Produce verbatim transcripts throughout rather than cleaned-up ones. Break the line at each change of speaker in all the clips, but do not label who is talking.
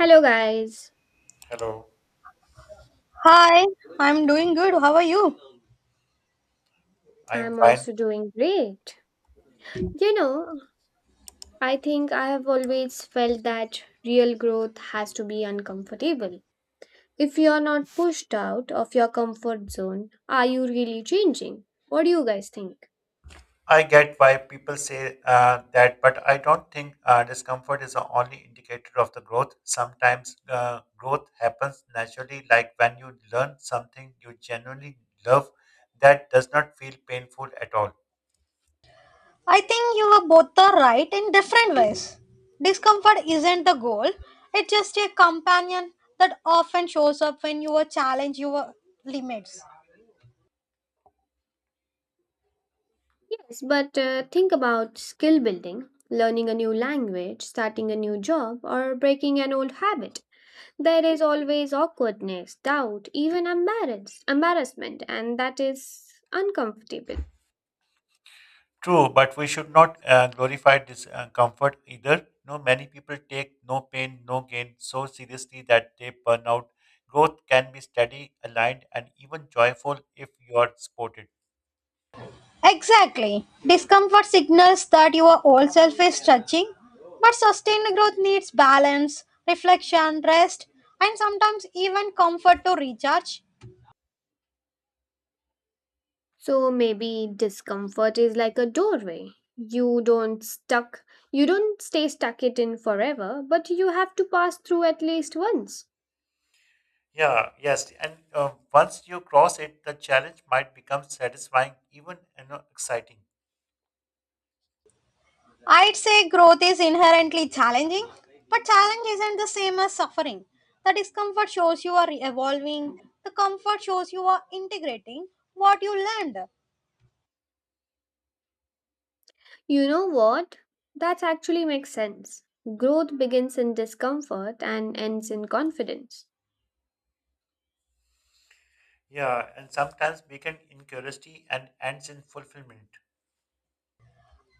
Hello, guys.
Hello,
Hi, I'm doing good. How are you?
I'm
I'm
fine.
also doing great. You know, I think I have always felt that real growth has to be uncomfortable. If you're not pushed out of your comfort zone, are you really changing? What do you guys think?
I get why people say uh, that, but I don't think uh, discomfort is the only indicator of the growth. Sometimes uh, growth happens naturally, like when you learn something you genuinely love that does not feel painful at all.
I think you were both are right in different ways. Discomfort isn't the goal, it's just a companion that often shows up when you challenge your limits.
Yes, but uh, think about skill building, learning a new language, starting a new job, or breaking an old habit. There is always awkwardness, doubt, even embarrass- embarrassment, and that is uncomfortable.
True, but we should not uh, glorify discomfort either. No, many people take no pain, no gain so seriously that they burn out. Growth can be steady, aligned, and even joyful if you are supported.
Exactly. Discomfort signals that your old self is stretching, but sustained growth needs balance, reflection, rest, and sometimes even comfort to recharge.
So maybe discomfort is like a doorway. You don't stuck you don't stay stuck it in forever, but you have to pass through at least once.
Yeah, yes, and uh, once you cross it, the challenge might become satisfying, even you know, exciting.
I'd say growth is inherently challenging, but challenge isn't the same as suffering. The discomfort shows you are evolving, the comfort shows you are integrating what you learned.
You know what? That actually makes sense. Growth begins in discomfort and ends in confidence.
Yeah, and sometimes begin in curiosity and ends in fulfillment.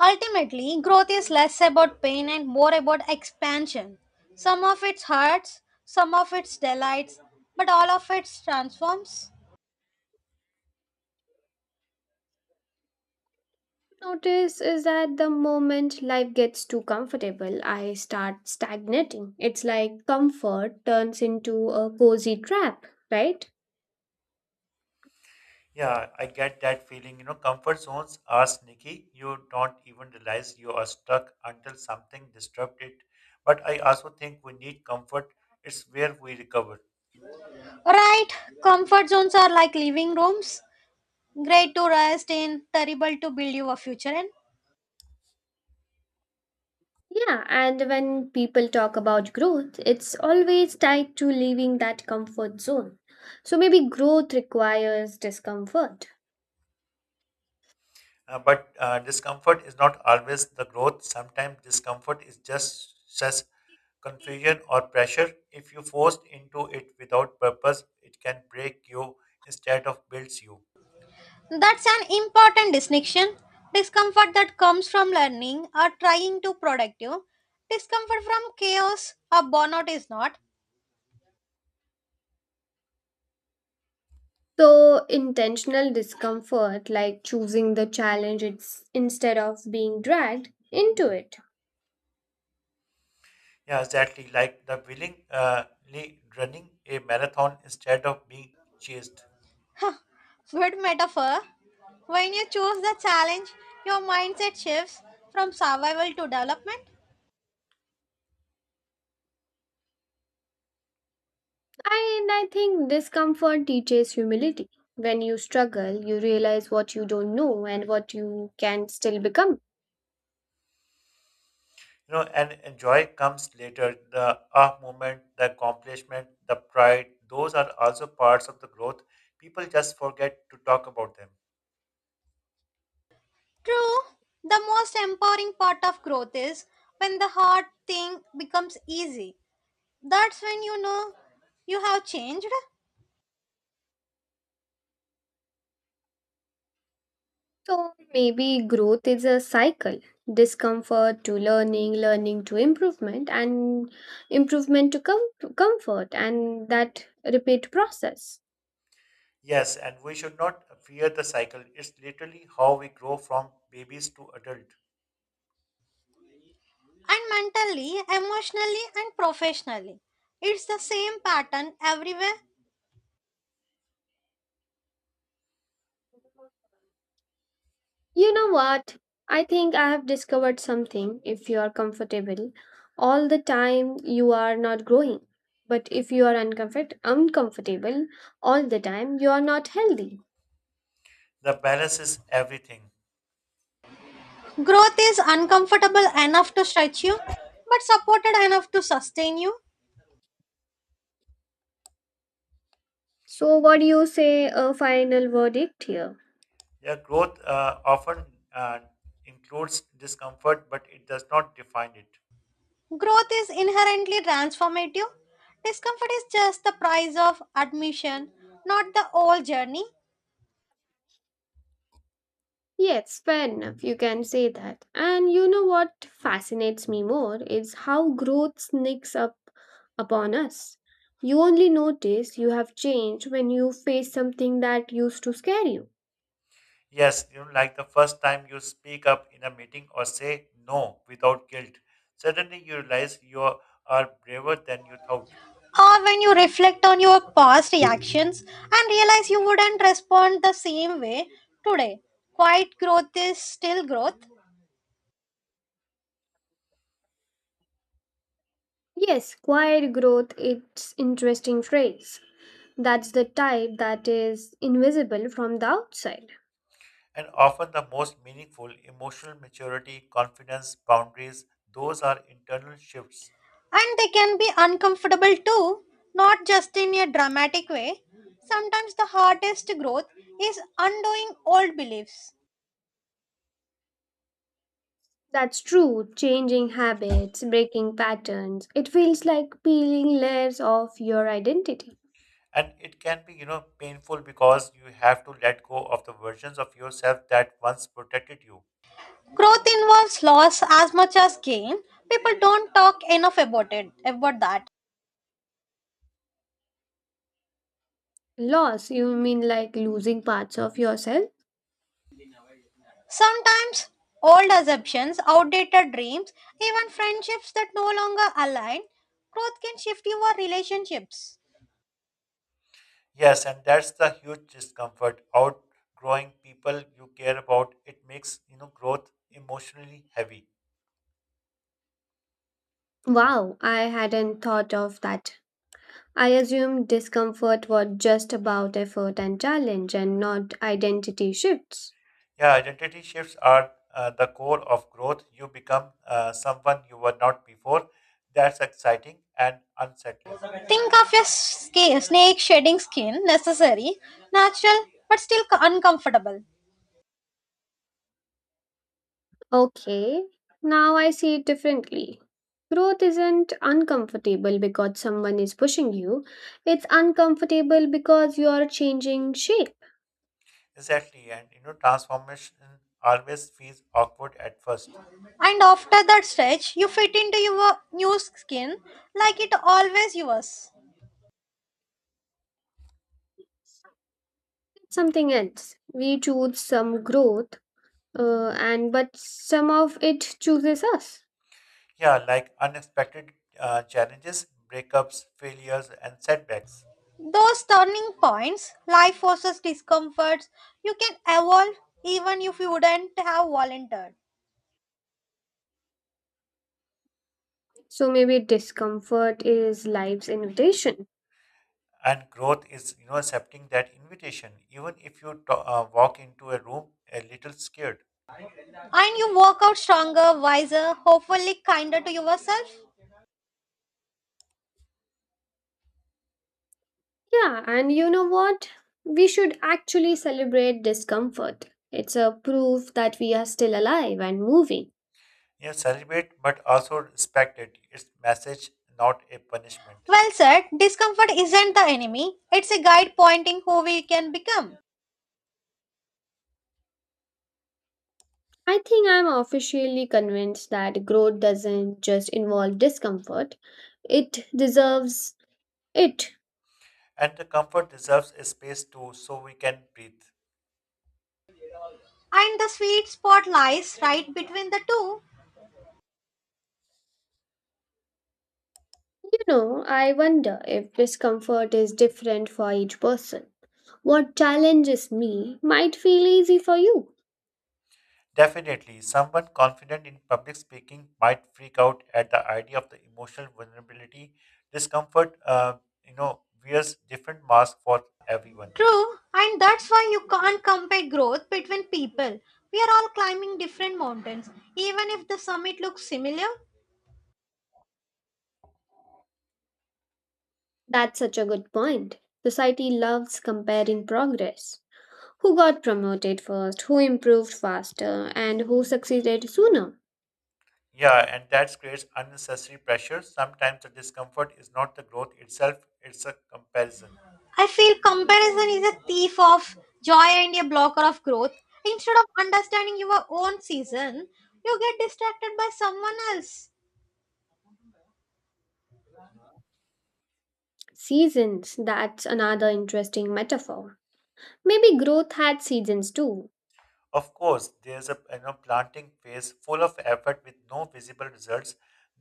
Ultimately, growth is less about pain and more about expansion. Some of it hurts, some of it delights, but all of it transforms.
Notice is that the moment life gets too comfortable, I start stagnating. It's like comfort turns into a cozy trap, right?
Yeah, I get that feeling. You know, comfort zones are sneaky. You don't even realize you are stuck until something disrupts it. But I also think we need comfort. It's where we recover.
Right, comfort zones are like living rooms, great to rest in, terrible to build your future in.
Yeah, and when people talk about growth, it's always tied to leaving that comfort zone. So maybe growth requires discomfort.
Uh, but uh, discomfort is not always the growth. Sometimes discomfort is just stress, confusion, or pressure. If you forced into it without purpose, it can break you instead of builds you.
That's an important distinction. Discomfort that comes from learning or trying to productive. Discomfort from chaos or burnout is not.
So intentional discomfort, like choosing the challenge it's, instead of being dragged into it.
Yeah, exactly. Like the willingly uh, ly- running a marathon instead of being chased.
Good metaphor. When you choose the challenge, your mindset shifts from survival to development.
And I think discomfort teaches humility. When you struggle, you realize what you don't know and what you can still become.
You know, and enjoy comes later. The ah moment, the accomplishment, the pride. Those are also parts of the growth. People just forget to talk about them.
True, the most empowering part of growth is when the hard thing becomes easy. That's when you know you have changed.
So maybe growth is a cycle discomfort to learning, learning to improvement, and improvement to com- comfort, and that repeat process.
Yes, and we should not fear the cycle. It's literally how we grow from babies to adult.
And mentally, emotionally, and professionally. It's the same pattern everywhere.
You know what? I think I have discovered something. If you are comfortable all the time, you are not growing. But if you are uncomfort- uncomfortable all the time, you are not healthy.
The balance is everything.
Growth is uncomfortable enough to stretch you, but supported enough to sustain you.
So, what do you say? A final verdict here.
Yeah, growth uh, often uh, includes discomfort, but it does not define it.
Growth is inherently transformative. Discomfort is just the price of admission, not the whole journey.
Yes, fair enough. You can say that. And you know what fascinates me more is how growth sneaks up upon us. You only notice you have changed when you face something that used to scare you.
Yes, you know, like the first time you speak up in a meeting or say no without guilt, suddenly you realize you are are braver than you thought.
Or when you reflect on your past reactions and realize you wouldn't respond the same way today. Quiet growth is still growth.
Yes, quiet growth it's interesting phrase. That's the type that is invisible from the outside.
And often the most meaningful emotional maturity, confidence, boundaries, those are internal shifts,
And they can be uncomfortable too, not just in a dramatic way. Sometimes the hardest growth is undoing old beliefs.
That's true. Changing habits, breaking patterns. It feels like peeling layers of your identity.
and it can be, you know, painful because you have to let go of the versions of yourself that once protected you.
Growth involves loss as much as gain. People don't talk enough about it, about that.
Loss, you mean like losing parts of yourself?
Sometimes old assumptions, outdated dreams, even friendships that no longer align, growth can shift your relationships.
Yes, and that's the huge discomfort outgrowing people you care about. It makes, you know, growth emotionally heavy.
Wow, I hadn't thought of that. I assumed discomfort was just about effort and challenge and not identity shifts.
Yeah, identity shifts are uh, the core of growth. You become uh, someone you were not before. That's exciting and unsettling.
Think of a sca- snake shedding skin, necessary, natural, but still uncomfortable.
Okay, now I see it differently. Growth isn't uncomfortable because someone is pushing you, it's uncomfortable because you are changing shape.
Exactly, and you know transformation always feels awkward at first.
And after that stretch, you fit into your new skin like it always was.
Something else. We choose some growth, uh, and but some of it chooses us.
Yeah, like unexpected uh, challenges, breakups, failures, and setbacks.
Those turning points, life forces discomforts, you can evolve even if you wouldn't have volunteered.
So maybe discomfort is life's invitation.
And growth is, you know, accepting that invitation, even if you to- uh, walk into a room a little scared.
And you walk out stronger, wiser, hopefully kinder to yourself.
Yeah, and you know what? We should actually celebrate discomfort. It's a proof that we are still alive and moving.
You know, celebrate, but also respect it. It's message, not a punishment.
Well said, discomfort isn't the enemy, it's a guide pointing who we can become.
I think I'm officially convinced that growth doesn't just involve discomfort, it deserves it.
And the comfort deserves a space too, so we can breathe.
And the sweet spot lies right between the two.
You know, I wonder if discomfort is different for each person. What challenges me might feel easy for you.
Definitely, someone confident in public speaking might freak out at the idea of the emotional vulnerability. Discomfort, uh, you know, wears different masks for everyone.
True, and that's why you can't compare growth between people. We are all climbing different mountains, even if the summit looks similar.
That's such a good point. Society loves comparing progress. Who got promoted first, who improved faster, and who succeeded sooner?
Yeah, and that creates unnecessary pressure. Sometimes the discomfort is not the growth itself, it's a comparison.
I feel comparison is a thief of joy and a blocker of growth. Instead of understanding your own season, you get distracted by someone else.
Seasons, that's another interesting metaphor. Maybe growth had seasons too.
Of course, there's a, you know, planting phase full of effort with no visible results,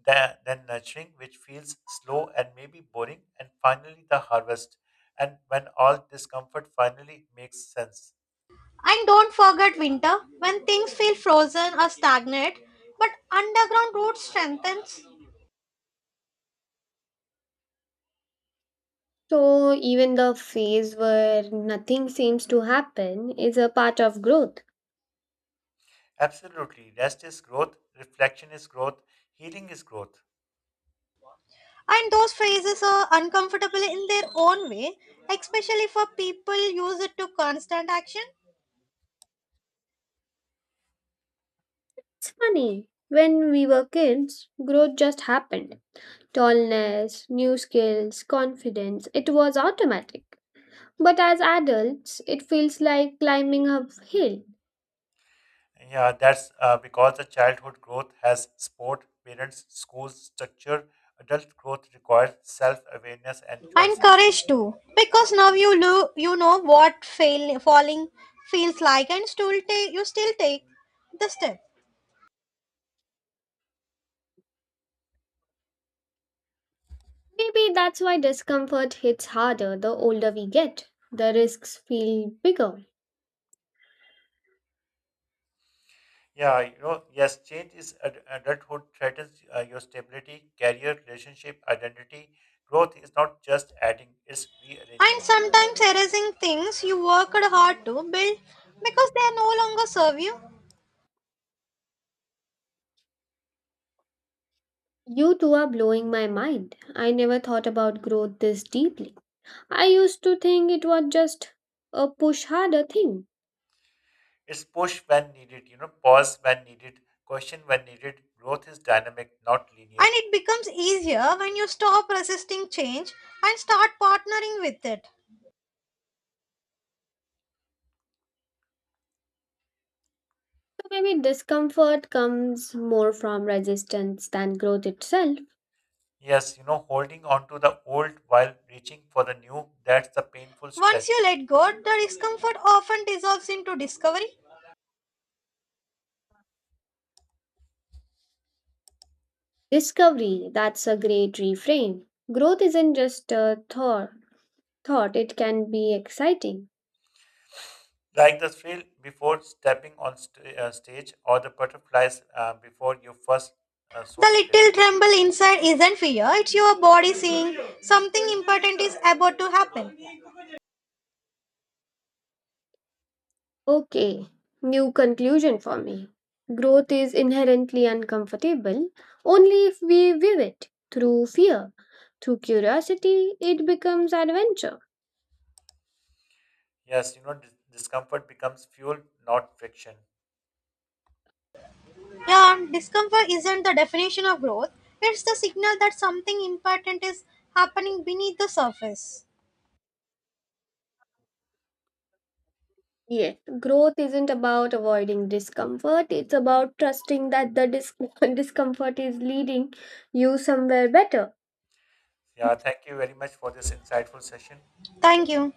tha- then nurturing, which feels slow and maybe boring, and finally the harvest. And when all discomfort finally makes sense.
And don't forget winter, when things feel frozen or stagnant, but underground roots strengthens.
So, even the phase where nothing seems to happen is a part of growth.
Absolutely. Rest is growth, reflection is growth, healing is growth.
And those phrases are uncomfortable in their own way, especially for people use it to constant action
It's funny. When we were kids, growth just happened. Tallness, new skills, confidence, it was automatic. But as adults, it feels like climbing uphill.
Yeah, that's uh, because the childhood growth has sport, parents, schools, structure. Adult growth requires self awareness and
and
choices.
courage too. Because now you lo- you know what fail- falling feels like, and still take you still take the step.
Maybe that's why discomfort hits harder the older we get. The risks feel bigger.
Yeah, you know, yes, change is ad- adulthood threatens uh, your stability, career, relationship, identity. Growth is not just adding, it's
And
rearranging.
sometimes erasing things you worked hard to build because they no longer serve you.
You two are blowing my mind. I never thought about growth this deeply. I used to think it was just a push harder thing.
It's push when needed, you know, pause when needed, question when needed. Growth is dynamic, not
And
linear.
it becomes easier when you stop resisting change and start partnering with it.
So maybe discomfort comes more from resistance than growth itself.
Yes, you know, holding on to the old while reaching for the new, that's the painful
Once you
stretch.
let go, the discomfort often dissolves into discovery.
Discovery, that's a great reframe. Growth isn't just a thought, thought it can be exciting.
Like the thrill before stepping on st- uh, stage or the butterflies uh, before your first uh,
The
solo trip.
little tremble inside isn't fear, it's your body saying something important is about to happen.
Okay, new conclusion for me. Growth is inherently uncomfortable only if we view it through fear. Through curiosity, it becomes adventure.
Yes, you know, dis- discomfort becomes fuel, not friction.
Yeah, discomfort isn't the definition of growth, it's the signal that something important is happening beneath the surface.
Yes, growth isn't about avoiding discomfort, it's about trusting that the dis- discomfort is leading you somewhere better.
Yeah, thank you very much for this insightful session.
Thank you.